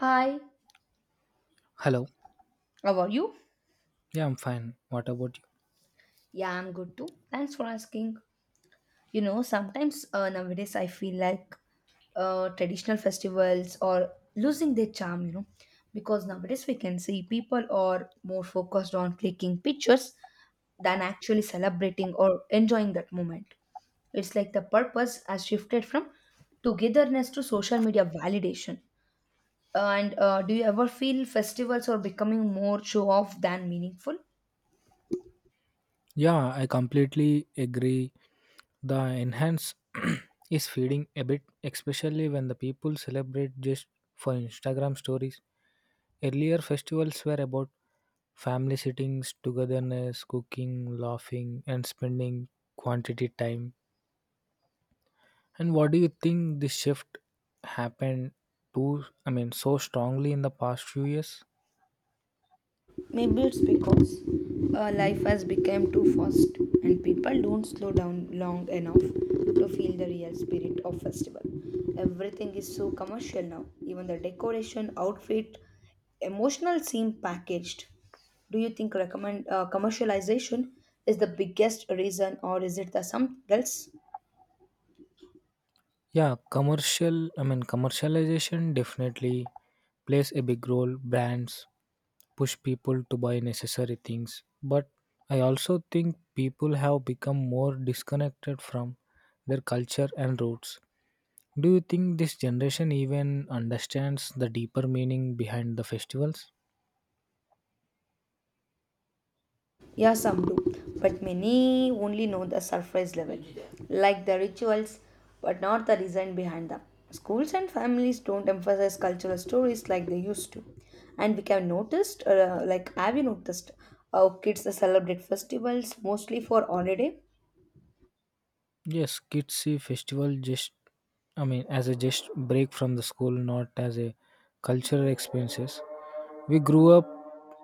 Hi, Hello. how are you? Yeah, I'm fine. What about you? Yeah, I'm good too. Thanks for asking. You know, sometimes nowadays I feel like traditional festivals are losing their charm, you know, because nowadays we can see people are more focused on clicking pictures than actually celebrating or enjoying that moment. It's like the purpose has shifted from togetherness to social media validation. And do you ever feel festivals are becoming more show off than meaningful? Yeah, I completely agree. The enhance is feeding a bit, especially when the people celebrate just for Instagram stories. Earlier festivals were about family sittings, togetherness, cooking, laughing, and spending quantity time. And what do you think this shift happened to? So strongly in the past few years? Maybe it's because life has become too fast and people don't slow down long enough to feel the real spirit of festival. Everything is so commercial now. Even the decoration, outfit, emotional seem packaged. Do you think recommend commercialization is the biggest reason, or is it the something else? Commercialization definitely plays a big role. Brands push people to buy necessary things, but I also think people have become more disconnected from their culture and roots. Do you think this generation even understands the deeper meaning behind the festivals? Yeah, some do, but many only know the surface level, like the rituals, but not the reason behind them. Schools and families don't emphasize cultural stories like they used to, and we can noticed, like have you noticed, how kids celebrate festivals mostly for holiday. Yes, kids see festival just, I mean, as a just break from the school, not as a cultural experiences. We grew up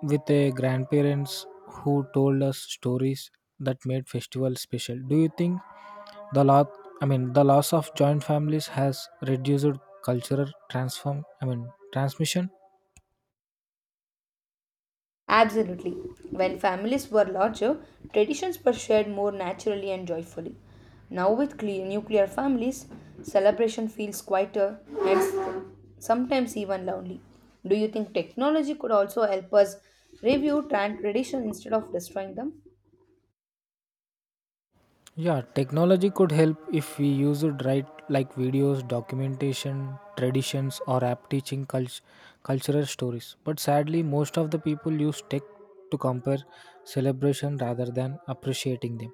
with a grandparents who told us stories that made festivals special. Do you think the lot I mean the loss of joint families has reduced cultural transform I mean transmission? Absolutely. When families were larger, traditions were shared more naturally and joyfully. Now, with nuclear families, celebration feels quieter and sometimes even lonely. Do you think technology could also help us review tradition instead of destroying them? Yeah, technology could help if we use it right, like videos, documentation, traditions, or cultural stories. But sadly, most of the people use tech to compare celebration rather than appreciating them.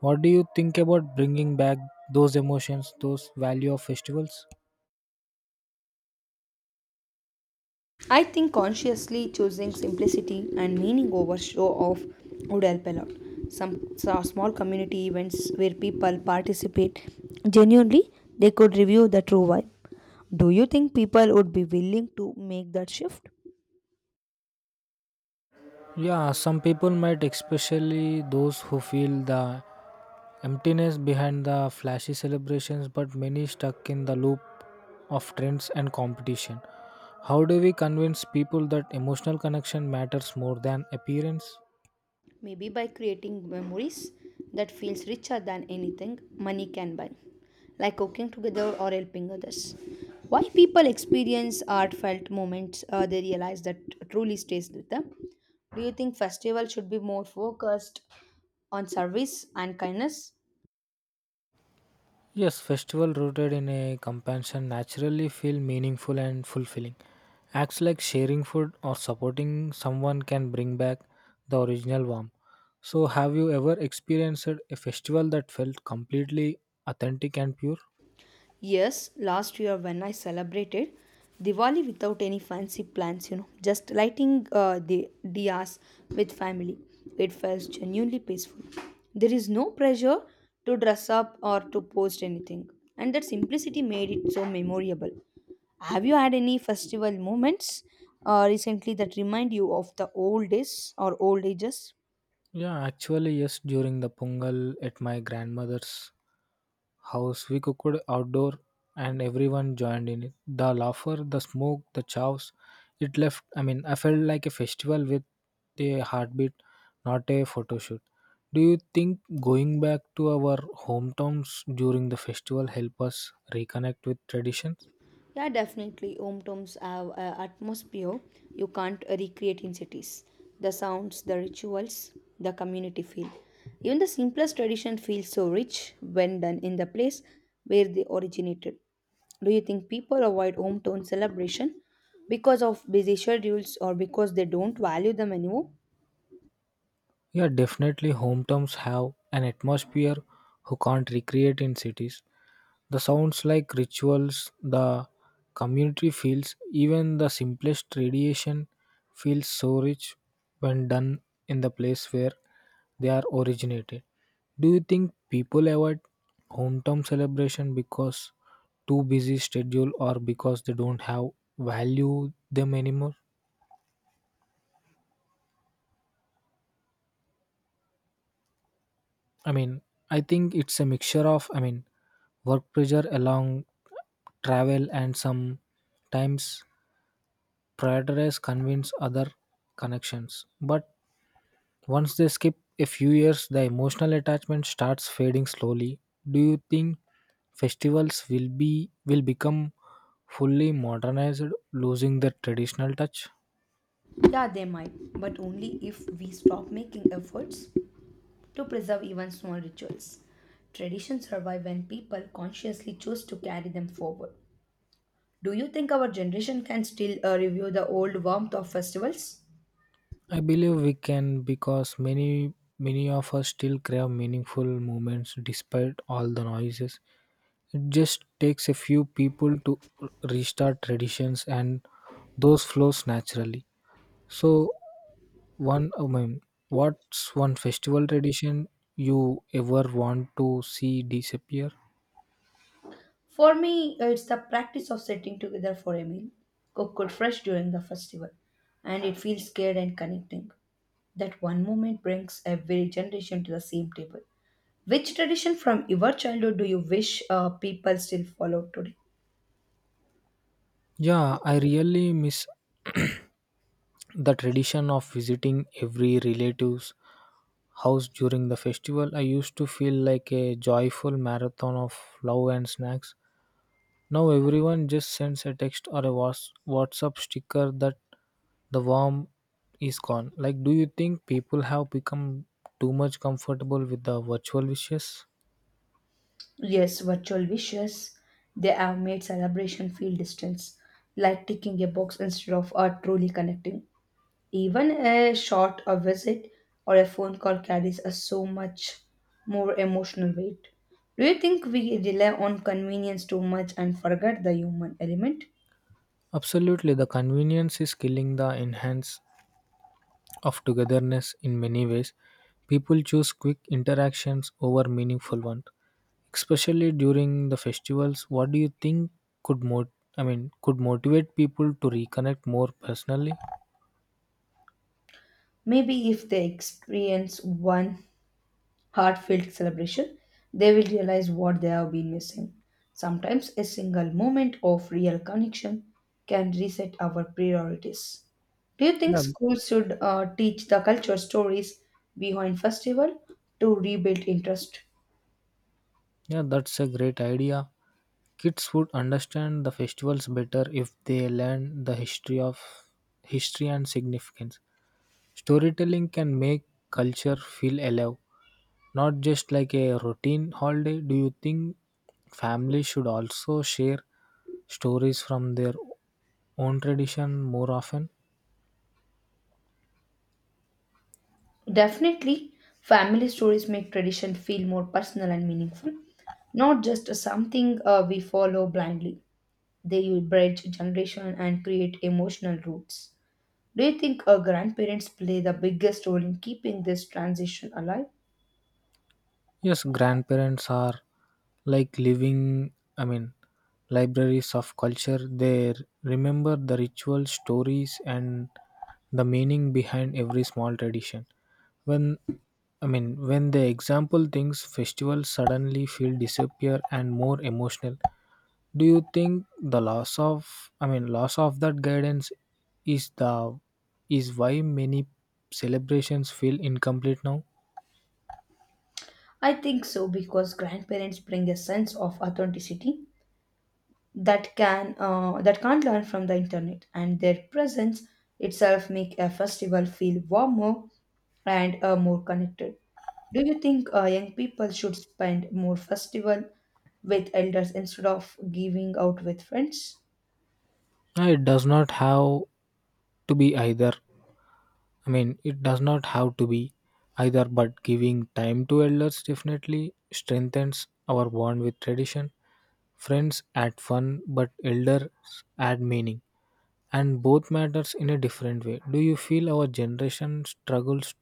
What do you think about bringing back those emotions, those value of festivals? I think consciously choosing simplicity and meaning over show off would help a lot. Some small community events where people participate genuinely, they could review the true vibe. Do you think people would be willing to make that shift? Yeah, some people might, especially those who feel the emptiness behind the flashy celebrations, but many stuck in the loop of trends and competition. How do we convince people that emotional connection matters more than appearance? Maybe by creating memories that feels richer than anything money can buy, like cooking together or helping others. Why people experience heartfelt moments they realize that truly stays with them. Do you think festival should be more focused on service and kindness? Yes, festival rooted in a compassion naturally feel meaningful and fulfilling. Acts like sharing food or supporting someone can bring back the original warmth. So, have you ever experienced a festival that felt completely authentic and pure? Yes, last year when I celebrated Diwali without any fancy plans, you know, just lighting the diyas with family, it felt genuinely peaceful. There is no pressure to dress up or to post anything, and that simplicity made it so memorable. Have you had any festival moments recently that remind you of the old days or old ages? Yeah, actually, yes, during the Pungal at my grandmother's house. We cooked outdoor and everyone joined in it. The laughter, the smoke, the chows, it left. I mean, I felt like a festival with a heartbeat, not a photo shoot. Do you think going back to our hometowns during the festival help us reconnect with traditions? Yeah, definitely. Home tombs have an atmosphere you can't recreate in cities. The sounds, the rituals, the community feel. Even the simplest tradition feels so rich when done in the place where they originated. Do you think people avoid hometown celebration because of busy schedules or because they don't value them anymore? Yeah, definitely home towns have an atmosphere who can't recreate in cities. The sounds like rituals, the community feels, even the simplest tradition feels so rich when done in the place where they are originated. Do you think people avoid hometown celebration because too busy schedule or because they don't have value them anymore? I mean, I think it's a mixture of, I mean, work pressure along travel and sometimes prioritize convince other connections. But once they skip a few years, the emotional attachment starts fading slowly. Do you think festivals will become fully modernized, losing the traditional touch? Yeah, they might, but only if we stop making efforts to preserve even small rituals. Traditions survive when people consciously choose to carry them forward. Do you think our generation can still review the old warmth of festivals? I believe we can because many of us still crave meaningful moments despite all the noises. Just takes a few people to restart traditions, and those flows naturally. So one I mean what's one festival tradition you ever want to see disappear? For me, it's the practice of sitting together for a meal, cooked fresh during the festival, and it feels scared and connecting. That one moment brings every generation to the same table. Which tradition from your childhood do you wish people still follow today? Yeah, I really miss the tradition of visiting every relative's house during the festival. I used to feel like a joyful marathon of love and snacks. Now everyone just sends a text or a whatsapp sticker that the warmth is gone. Like, do you think people have become too much comfortable with the virtual wishes? Yes, virtual wishes. They have made celebration feel distance, like ticking a box instead of truly connecting. Even a short a visit or a phone call carries a so much more emotional weight. Do you think we rely on convenience too much and forget the human element? Absolutely, the convenience is killing the enhance of togetherness in many ways. People choose quick interactions over meaningful ones, especially during the festivals. What do you think could mo- I mean could motivate people to reconnect more personally? Maybe if they experience one heartfelt celebration, they will realize what they have been missing. Sometimes a single moment of real connection can reset our priorities. Do you think Yeah, schools should teach the culture stories behind festival to rebuild interest? yeah, that's a great idea. Kids would understand the festivals better if they learn the history of history and significance. Storytelling can make culture feel alive, not just like a routine holiday. Do you think families should also share stories from their own tradition more often? Definitely, family stories make tradition feel more personal and meaningful, not just something we follow blindly. They bridge generation and create emotional roots. Do you think our grandparents play the biggest role in keeping this transition alive? Yes, grandparents are like living, I mean, libraries of culture. They remember the rituals, stories, and the meaning behind every small tradition. When when they example things, festivals suddenly feel disappear and more emotional. Do you think the loss of, I mean, loss of that guidance is the is why many celebrations feel incomplete now? I think so because grandparents bring a sense of authenticity that can that can't learn from the internet, and their presence itself make a festival feel warmer and more connected. Do you think young people should spend more festival with elders instead of giving out with friends? No, it does not have to be either. I mean, it does not have to be either, but giving time to elders definitely strengthens our bond with tradition. Friends add fun, but elders add meaning, and both matters in a different way. Do you feel our generation struggles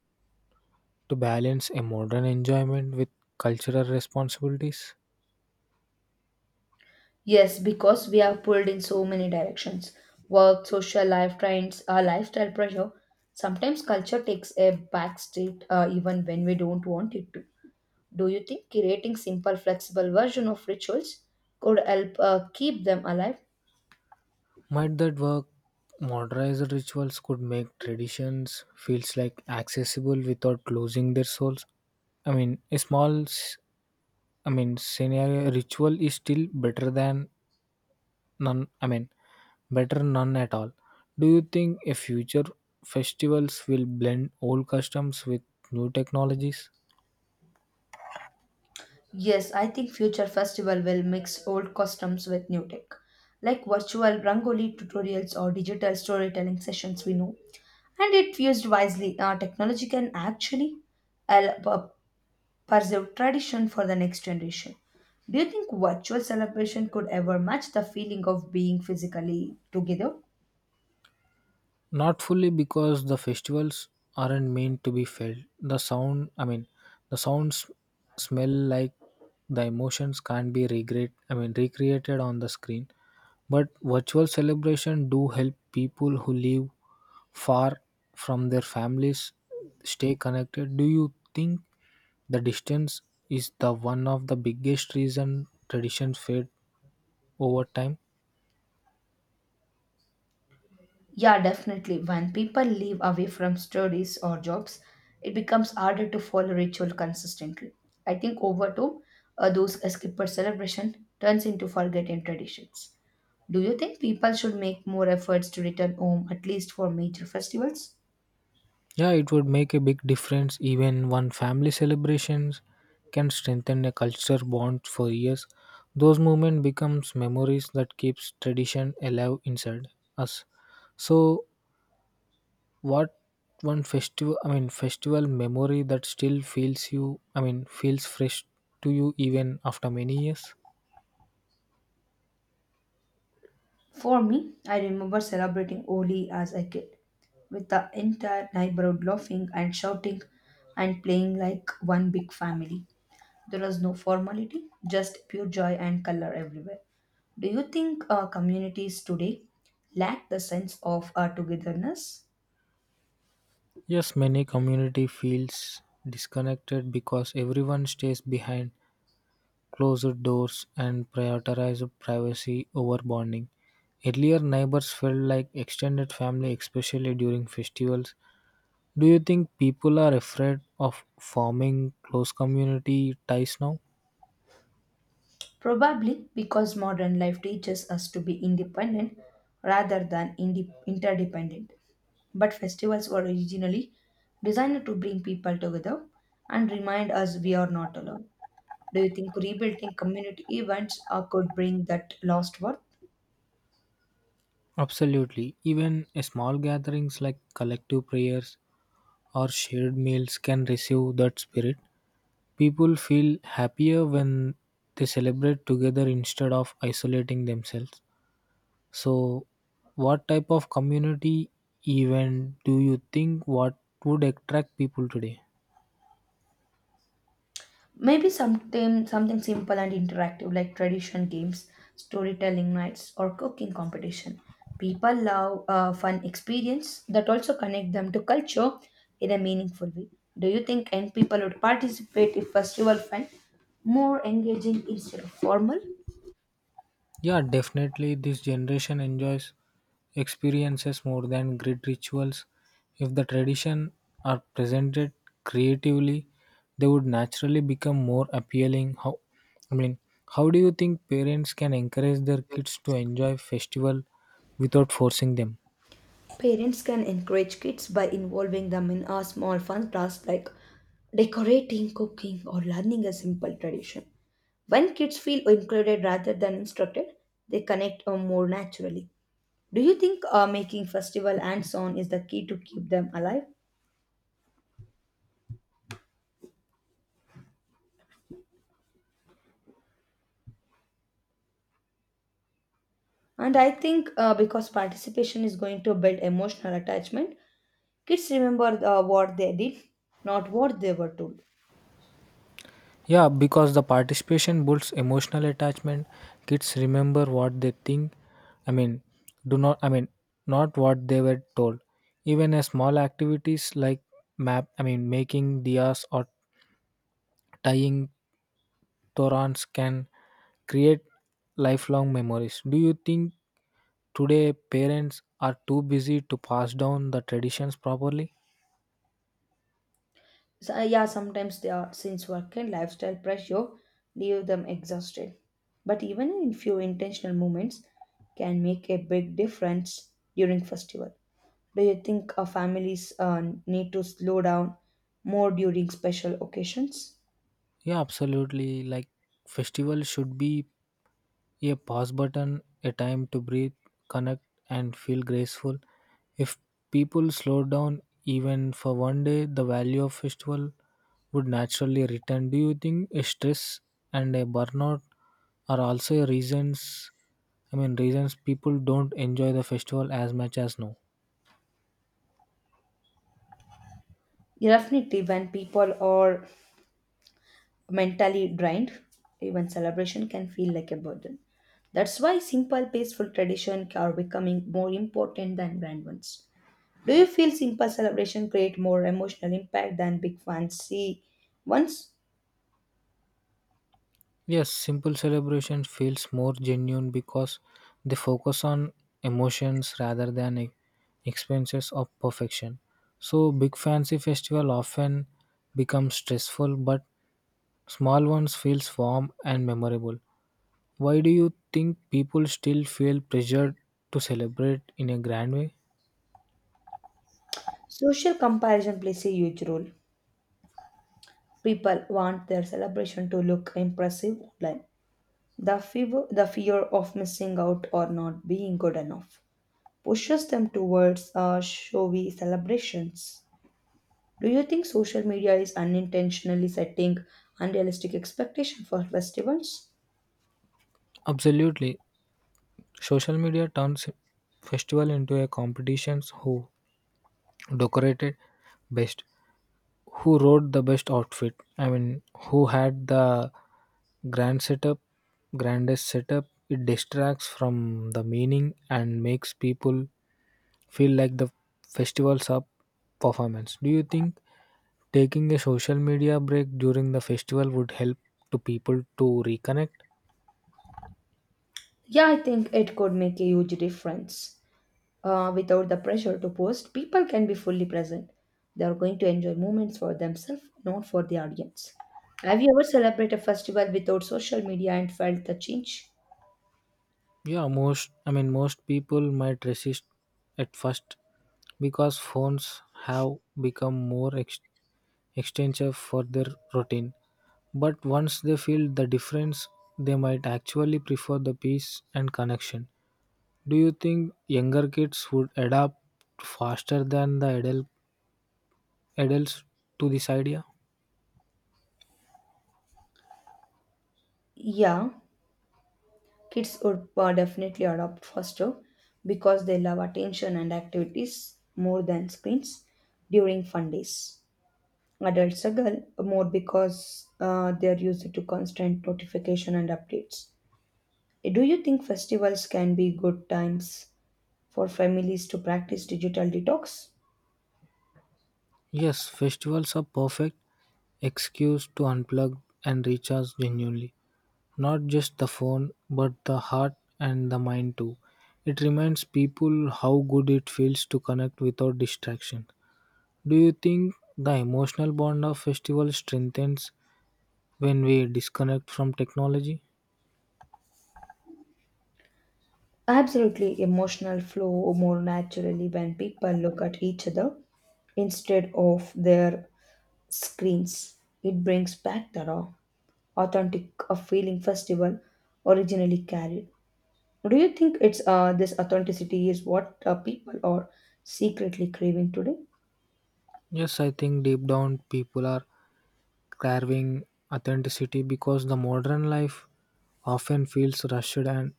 to balance a modern enjoyment with cultural responsibilities? Yes, because we are pulled in so many directions. Work, social life trends, our lifestyle pressure. Sometimes culture takes a back seat even when we don't want it to. Do you think creating simple, flexible version of rituals could help keep them alive? Might that work? Modernized rituals could make traditions feels like accessible without losing their souls. I mean, a small, s- I mean, scenario ritual is still better than none. I mean, better none at all. Do you think a future festivals will blend old customs with new technologies? Yes, I think future festival will mix old customs with new tech, like virtual rangoli tutorials or digital storytelling sessions we know. And it used wisely, technology can actually help preserve tradition for the next generation. Do you think virtual celebration could ever match the feeling of being physically together? Not fully because the festivals aren't meant to be felt. The sounds smell like the emotions can't be recreated on the screen. But virtual celebration do help people who live far from their families stay connected. Do you think the distance is the one of the biggest reason traditions fade over time? Yeah, definitely. When people live away from studies or jobs, it becomes harder to follow ritual consistently. I think over time, those skipper celebration turns into forgotten traditions. Do you think people should make more efforts to return home at least for major festivals? Yeah, it would make a big difference. Even one family celebrations can strengthen a culture bond for years. Those moments becomes memories that keeps tradition alive inside us. So, what one festival memory that still feels fresh to you even after many years? For me, I remember celebrating Oli as a kid, with the entire neighborhood laughing and shouting and playing like one big family. There was no formality, just pure joy and color everywhere. Do you think communities today lack the sense of togetherness? Yes, many community feels disconnected because everyone stays behind closed doors and prioritized privacy over bonding. Earlier, neighbors felt like extended family, especially during festivals. Do you think people are afraid of forming close community ties now? Probably because modern life teaches us to be independent rather than interdependent. But festivals were originally designed to bring people together and remind us we are not alone. Do you think rebuilding community events could bring that lost worth? Absolutely. Even a small gatherings like collective prayers or shared meals can receive that spirit. People feel happier when they celebrate together instead of isolating themselves. So, what type of community event do you think what would attract people today? Maybe something simple and interactive like tradition games, storytelling nights, or cooking competition. People love a fun experience that also connect them to culture in a meaningful way. Do you think young people would participate if festival felt more engaging instead of formal? Yeah, definitely this generation enjoys experiences more than great rituals. If the tradition are presented creatively, they would naturally become more appealing. I mean, how do you think parents can encourage their kids to enjoy festival without forcing them? Parents can encourage kids by involving them in a small fun tasks like decorating, cooking, or learning a simple tradition. When kids feel included rather than instructed, they connect more naturally. Do you think making festival and so on is the key to keep them alive? And I think because participation is going to build emotional attachment, kids remember what they did, not what they were told. Yeah, because the participation builds emotional attachment. Kids remember what they think. I mean, do not. I mean, not what they were told. Even a small activities like making diyas or tying torans can create lifelong memories. Do you think today parents are too busy to pass down the traditions properly? So, yeah, sometimes they are since work and lifestyle pressure leave them exhausted. But even in few intentional moments can make a big difference during festival. Do you think families need to slow down more during special occasions? Yeah, absolutely. Like festivals should be a pause button, a time to breathe, connect, and feel graceful. If people slow down even for one day, the value of festival would naturally return. Do you think stress and a burnout are also reasons? I mean, reasons people don't enjoy the festival as much as now. Yeah, definitely, when people are mentally drained, even celebration can feel like a burden. That's why simple, peaceful traditions are becoming more important than grand ones. Do you feel simple celebration create more emotional impact than big fancy ones? Yes, simple celebration feels more genuine because they focus on emotions rather than expenses of perfection. So big fancy festival often becomes stressful, but small ones feels warm and memorable. Why do you think people still feel pressured to celebrate in a grand way? Social comparison plays a huge role. People want their celebration to look impressive online. The fear of missing out or not being good enough pushes them towards showy celebrations. Do you think social media is unintentionally setting unrealistic expectations for festivals? Absolutely. Social media turns festival into a competitions. Who decorated best, who wrote the best outfit I mean who had the grand setup grandest setup It distracts from the meaning and makes people feel like the festival's up performance. Do you think taking a social media break during the festival would help to people to reconnect? Yeah, I think it could make a huge difference. Without the pressure to post, people can be fully present. They are going to enjoy moments for themselves, not for the audience. Have you ever celebrated a festival without social media and felt the change? Yeah most i mean most people might resist at first because phones have become more extension for their routine. But once they feel the difference, they might actually prefer the peace and connection. Do you think younger kids would adapt faster than the adults to this idea? Yeah, kids would definitely adopt faster because they love attention and activities more than screens during fun days. Adults struggle more because they are used to constant notification and updates. Do you think festivals can be good times for families to practice digital detox? Yes, festivals are perfect excuse to unplug and recharge genuinely. Not just the phone, but the heart and the mind too. It reminds people how good it feels to connect without distraction. Do you think the emotional bond of festival strengthens when we disconnect from technology? Absolutely, emotional flow more naturally when people look at each other instead of their screens. It brings back the raw. Authentic a feeling festival originally carried. Do you think it's this authenticity is what people are secretly craving today? Yes, I think deep down people are carving authenticity because the modern life often feels rushed and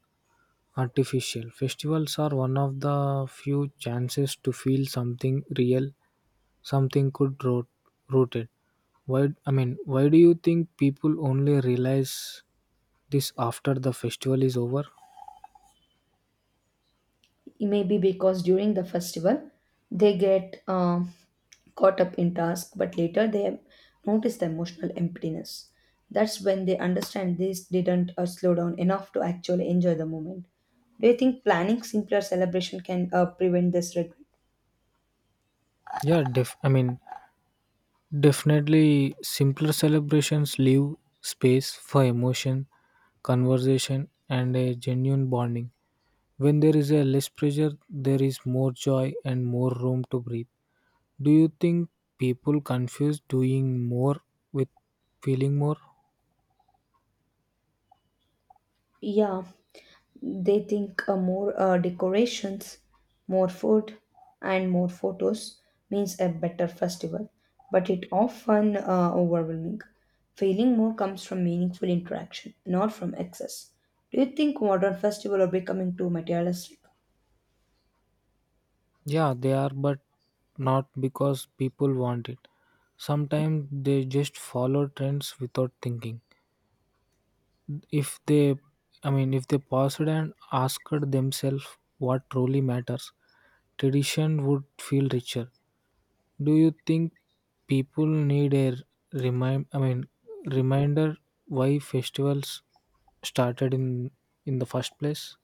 artificial. Festivals are one of the few chances to feel something real, something rooted. Why do you think people only realize this after the festival is over? Maybe because during the festival they get caught up in task, but later they notice the emotional emptiness. That's when they understand they didn't slow down enough to actually enjoy the moment. Do you think planning simpler celebration can prevent this regret? Yeah, def- I mean, Definitely, simpler celebrations leave space for emotion, conversation, and a genuine bonding. When there is a less pressure, there is more joy and more room to breathe. Do you think people confuse doing more with feeling more? Yeah, they think more decorations, more food, and more photos means a better festival, but it often overwhelming. Feeling more comes from meaningful interaction, not from excess. Do you think modern festivals are becoming too materialistic? Yeah, they are, but not because people want it. Sometimes they just follow trends without thinking. if they if they paused and asked themselves what truly matters, tradition would feel richer. Do you think people need a remind i mean reminder why festivals started in the first place?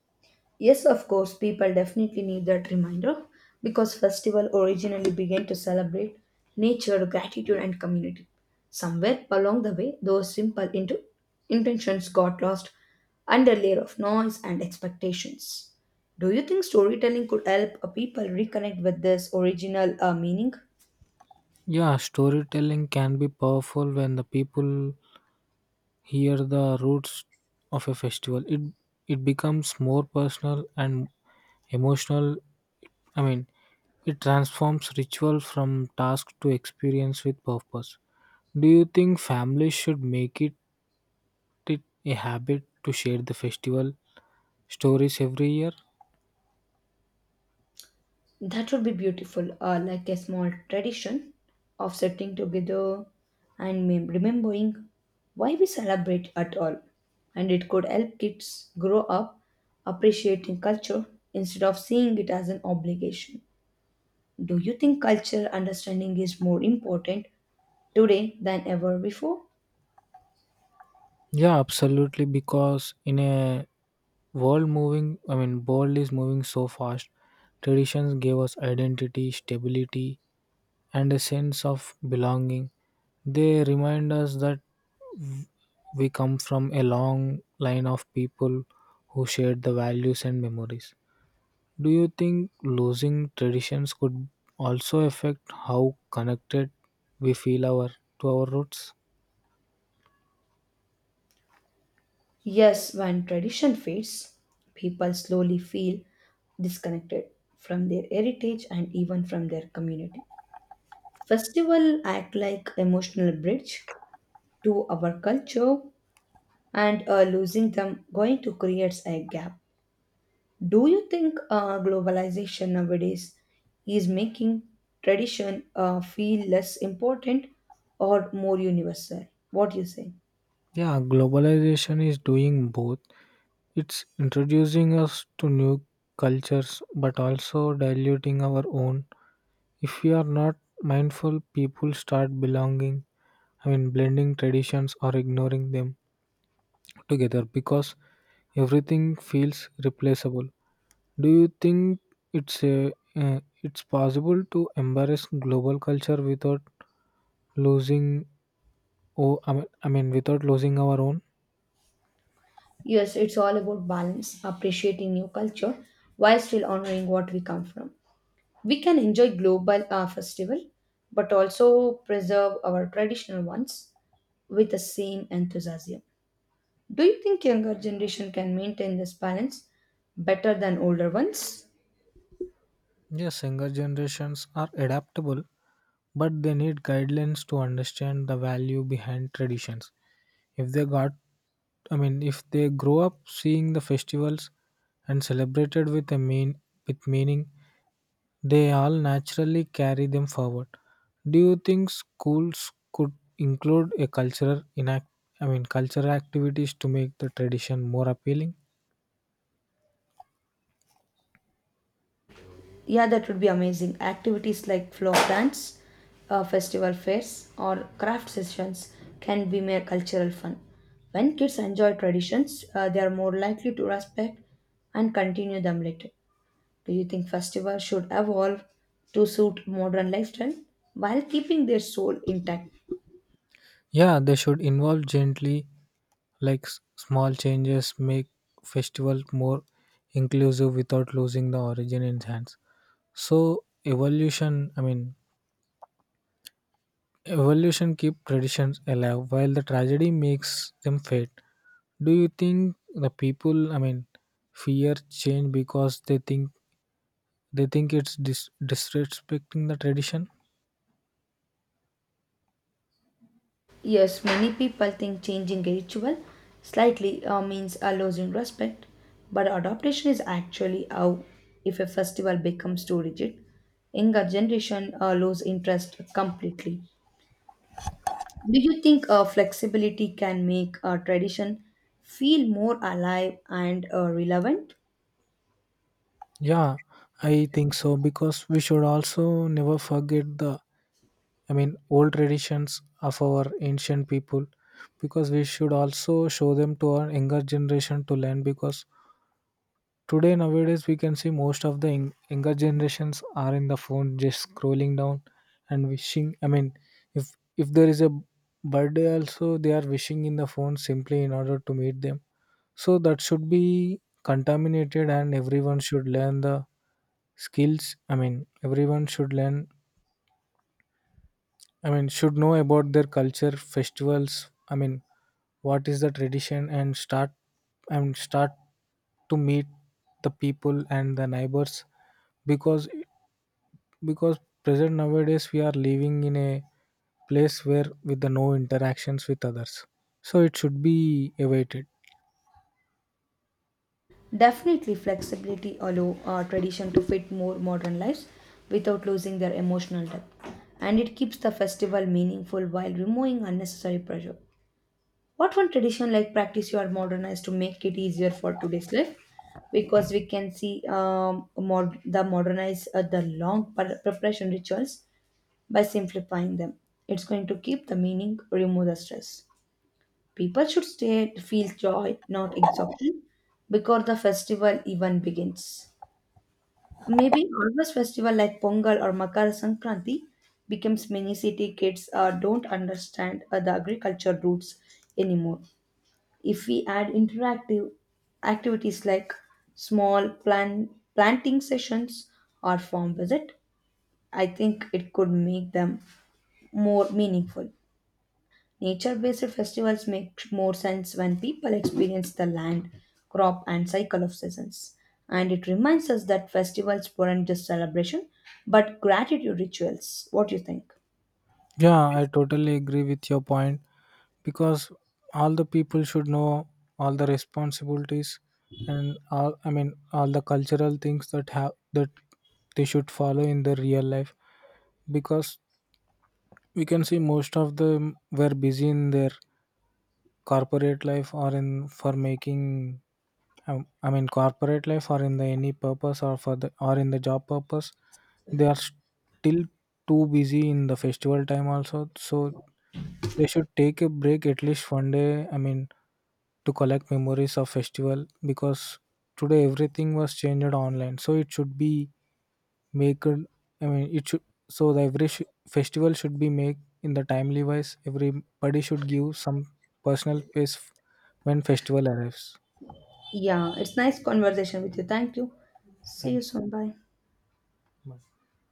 Yes, of course, people definitely need that reminder because festival originally began to celebrate nature, gratitude, and community. Somewhere along the way, those simple into intentions got lost under layer of noise and expectations. Do you think storytelling could help a people reconnect with this original meaning? Yeah, storytelling can be powerful. When the people hear the roots of a festival, it becomes more personal and emotional. I mean, it transforms ritual from task to experience with purpose. Do you think families should make it, it a habit to share the festival stories every year? That would be beautiful, like a small tradition of sitting together and remembering why we celebrate at all. And it could help kids grow up appreciating culture instead of seeing it as an obligation. Do you think culture understanding is more important today than ever before? Yeah, absolutely. Because in a world is moving so fast. Traditions gave us identity, stability, and a sense of belonging. They remind us that w- we come from a long line of people who shared the values and memories. Do you think losing traditions could also affect how connected we feel our to our roots? Yes, when tradition fades, people slowly feel disconnected from their heritage and even from their community. Festival act like emotional bridge to our culture and losing them going to create a gap. Do you think globalization nowadays is making tradition feel less important or more universal? What do you say? Yeah, globalization is doing both. It's introducing us to new cultures but also diluting our own. If we are not mindful, people start belonging, I mean blending traditions or ignoring them together because everything feels replaceable. Do you think it's a, it's possible to embrace global culture without losing oh I mean without losing our own? Yes, it's all about balance, appreciating new culture while still honoring what we come from. We can enjoy global festival, but also preserve our traditional ones with the same enthusiasm. Do you think younger generation can maintain this balance better than older ones? Yes, younger generations are adaptable, but they need guidelines to understand the value behind traditions. If they got I mean if they grow up seeing the festivals and celebrated with meaning, they all naturally carry them forward. Do you think schools could include a cultural inact I mean cultural activities to make the tradition more appealing? Yeah, that would be amazing. Activities like flock dance, festival fairs, or craft sessions can be mere cultural fun. When kids enjoy traditions, they are more likely to respect and continue them later. Do you think festivals should evolve to suit modern lifestyle while keeping their soul intact? Yeah, they should involve gently. Like small changes make festival more inclusive without losing the origin in hands. So evolution I mean Evolution keeps traditions alive while the tragedy makes them fade. Do you think the people fear change because they think it's disrespecting the tradition? Yes, many people think changing a ritual slightly means a loss in respect, but adaptation is actually how if a festival becomes too rigid, younger generation lose interest completely. Do you think flexibility can make a tradition feel more alive and relevant? Yeah, I think so, because we should also never forget the old traditions of our ancient people, because we should also show them to our younger generation to learn. Because today, nowadays, we can see most of the younger generations are in the phone, just scrolling down and wishing. I mean, if if there is a birthday, also they are wishing in the phone simply in order to meet them. So that should be contaminated, and everyone should learn the skills. I mean, everyone should learn, I mean, should know about their culture, festivals. I mean, what is the tradition, and start to meet the people and the neighbors, because present nowadays we are living in a place where with the no interactions with others. So it should be awaited. Definitely, flexibility allow tradition to fit more modern lives without losing their emotional depth, and it keeps the festival meaningful while removing unnecessary pressure. What one tradition like practice you are modernized to make it easier for today's life? Because we can see the modernize the long preparation rituals by simplifying them. It's going to keep the meaning, remove the stress. People should stay feel joy, not exhaustion, before the festival even begins. Maybe harvest festival like Pongal or Makar Sankranti becomes many city kids don't understand the agriculture roots anymore. If we add interactive activities like small planting sessions or farm visit, I think it could make them more meaningful. Nature based festivals make more sense when people experience the land, crop, and cycle of seasons. And it reminds us that festivals weren't just celebration, but gratitude rituals. What do you think? Yeah, I totally agree with your point, because all the people should know all the responsibilities and all I mean all the cultural things that have that they should follow in their real life, because we can see most of them were busy in their corporate life or in for making I mean, corporate life or in the any purpose or for the or in the job purpose. They are still too busy in the festival time also. So they should take a break at least one day. I mean, to collect memories of festival, because today everything was changed online. So it should be make. I mean, it should so the every sh- festival should be made in the timely wise. Everybody should give some personal space when festival arrives. Yeah, it's nice conversation with you. Thank you. See you Thank you. soon. Bye. Bye.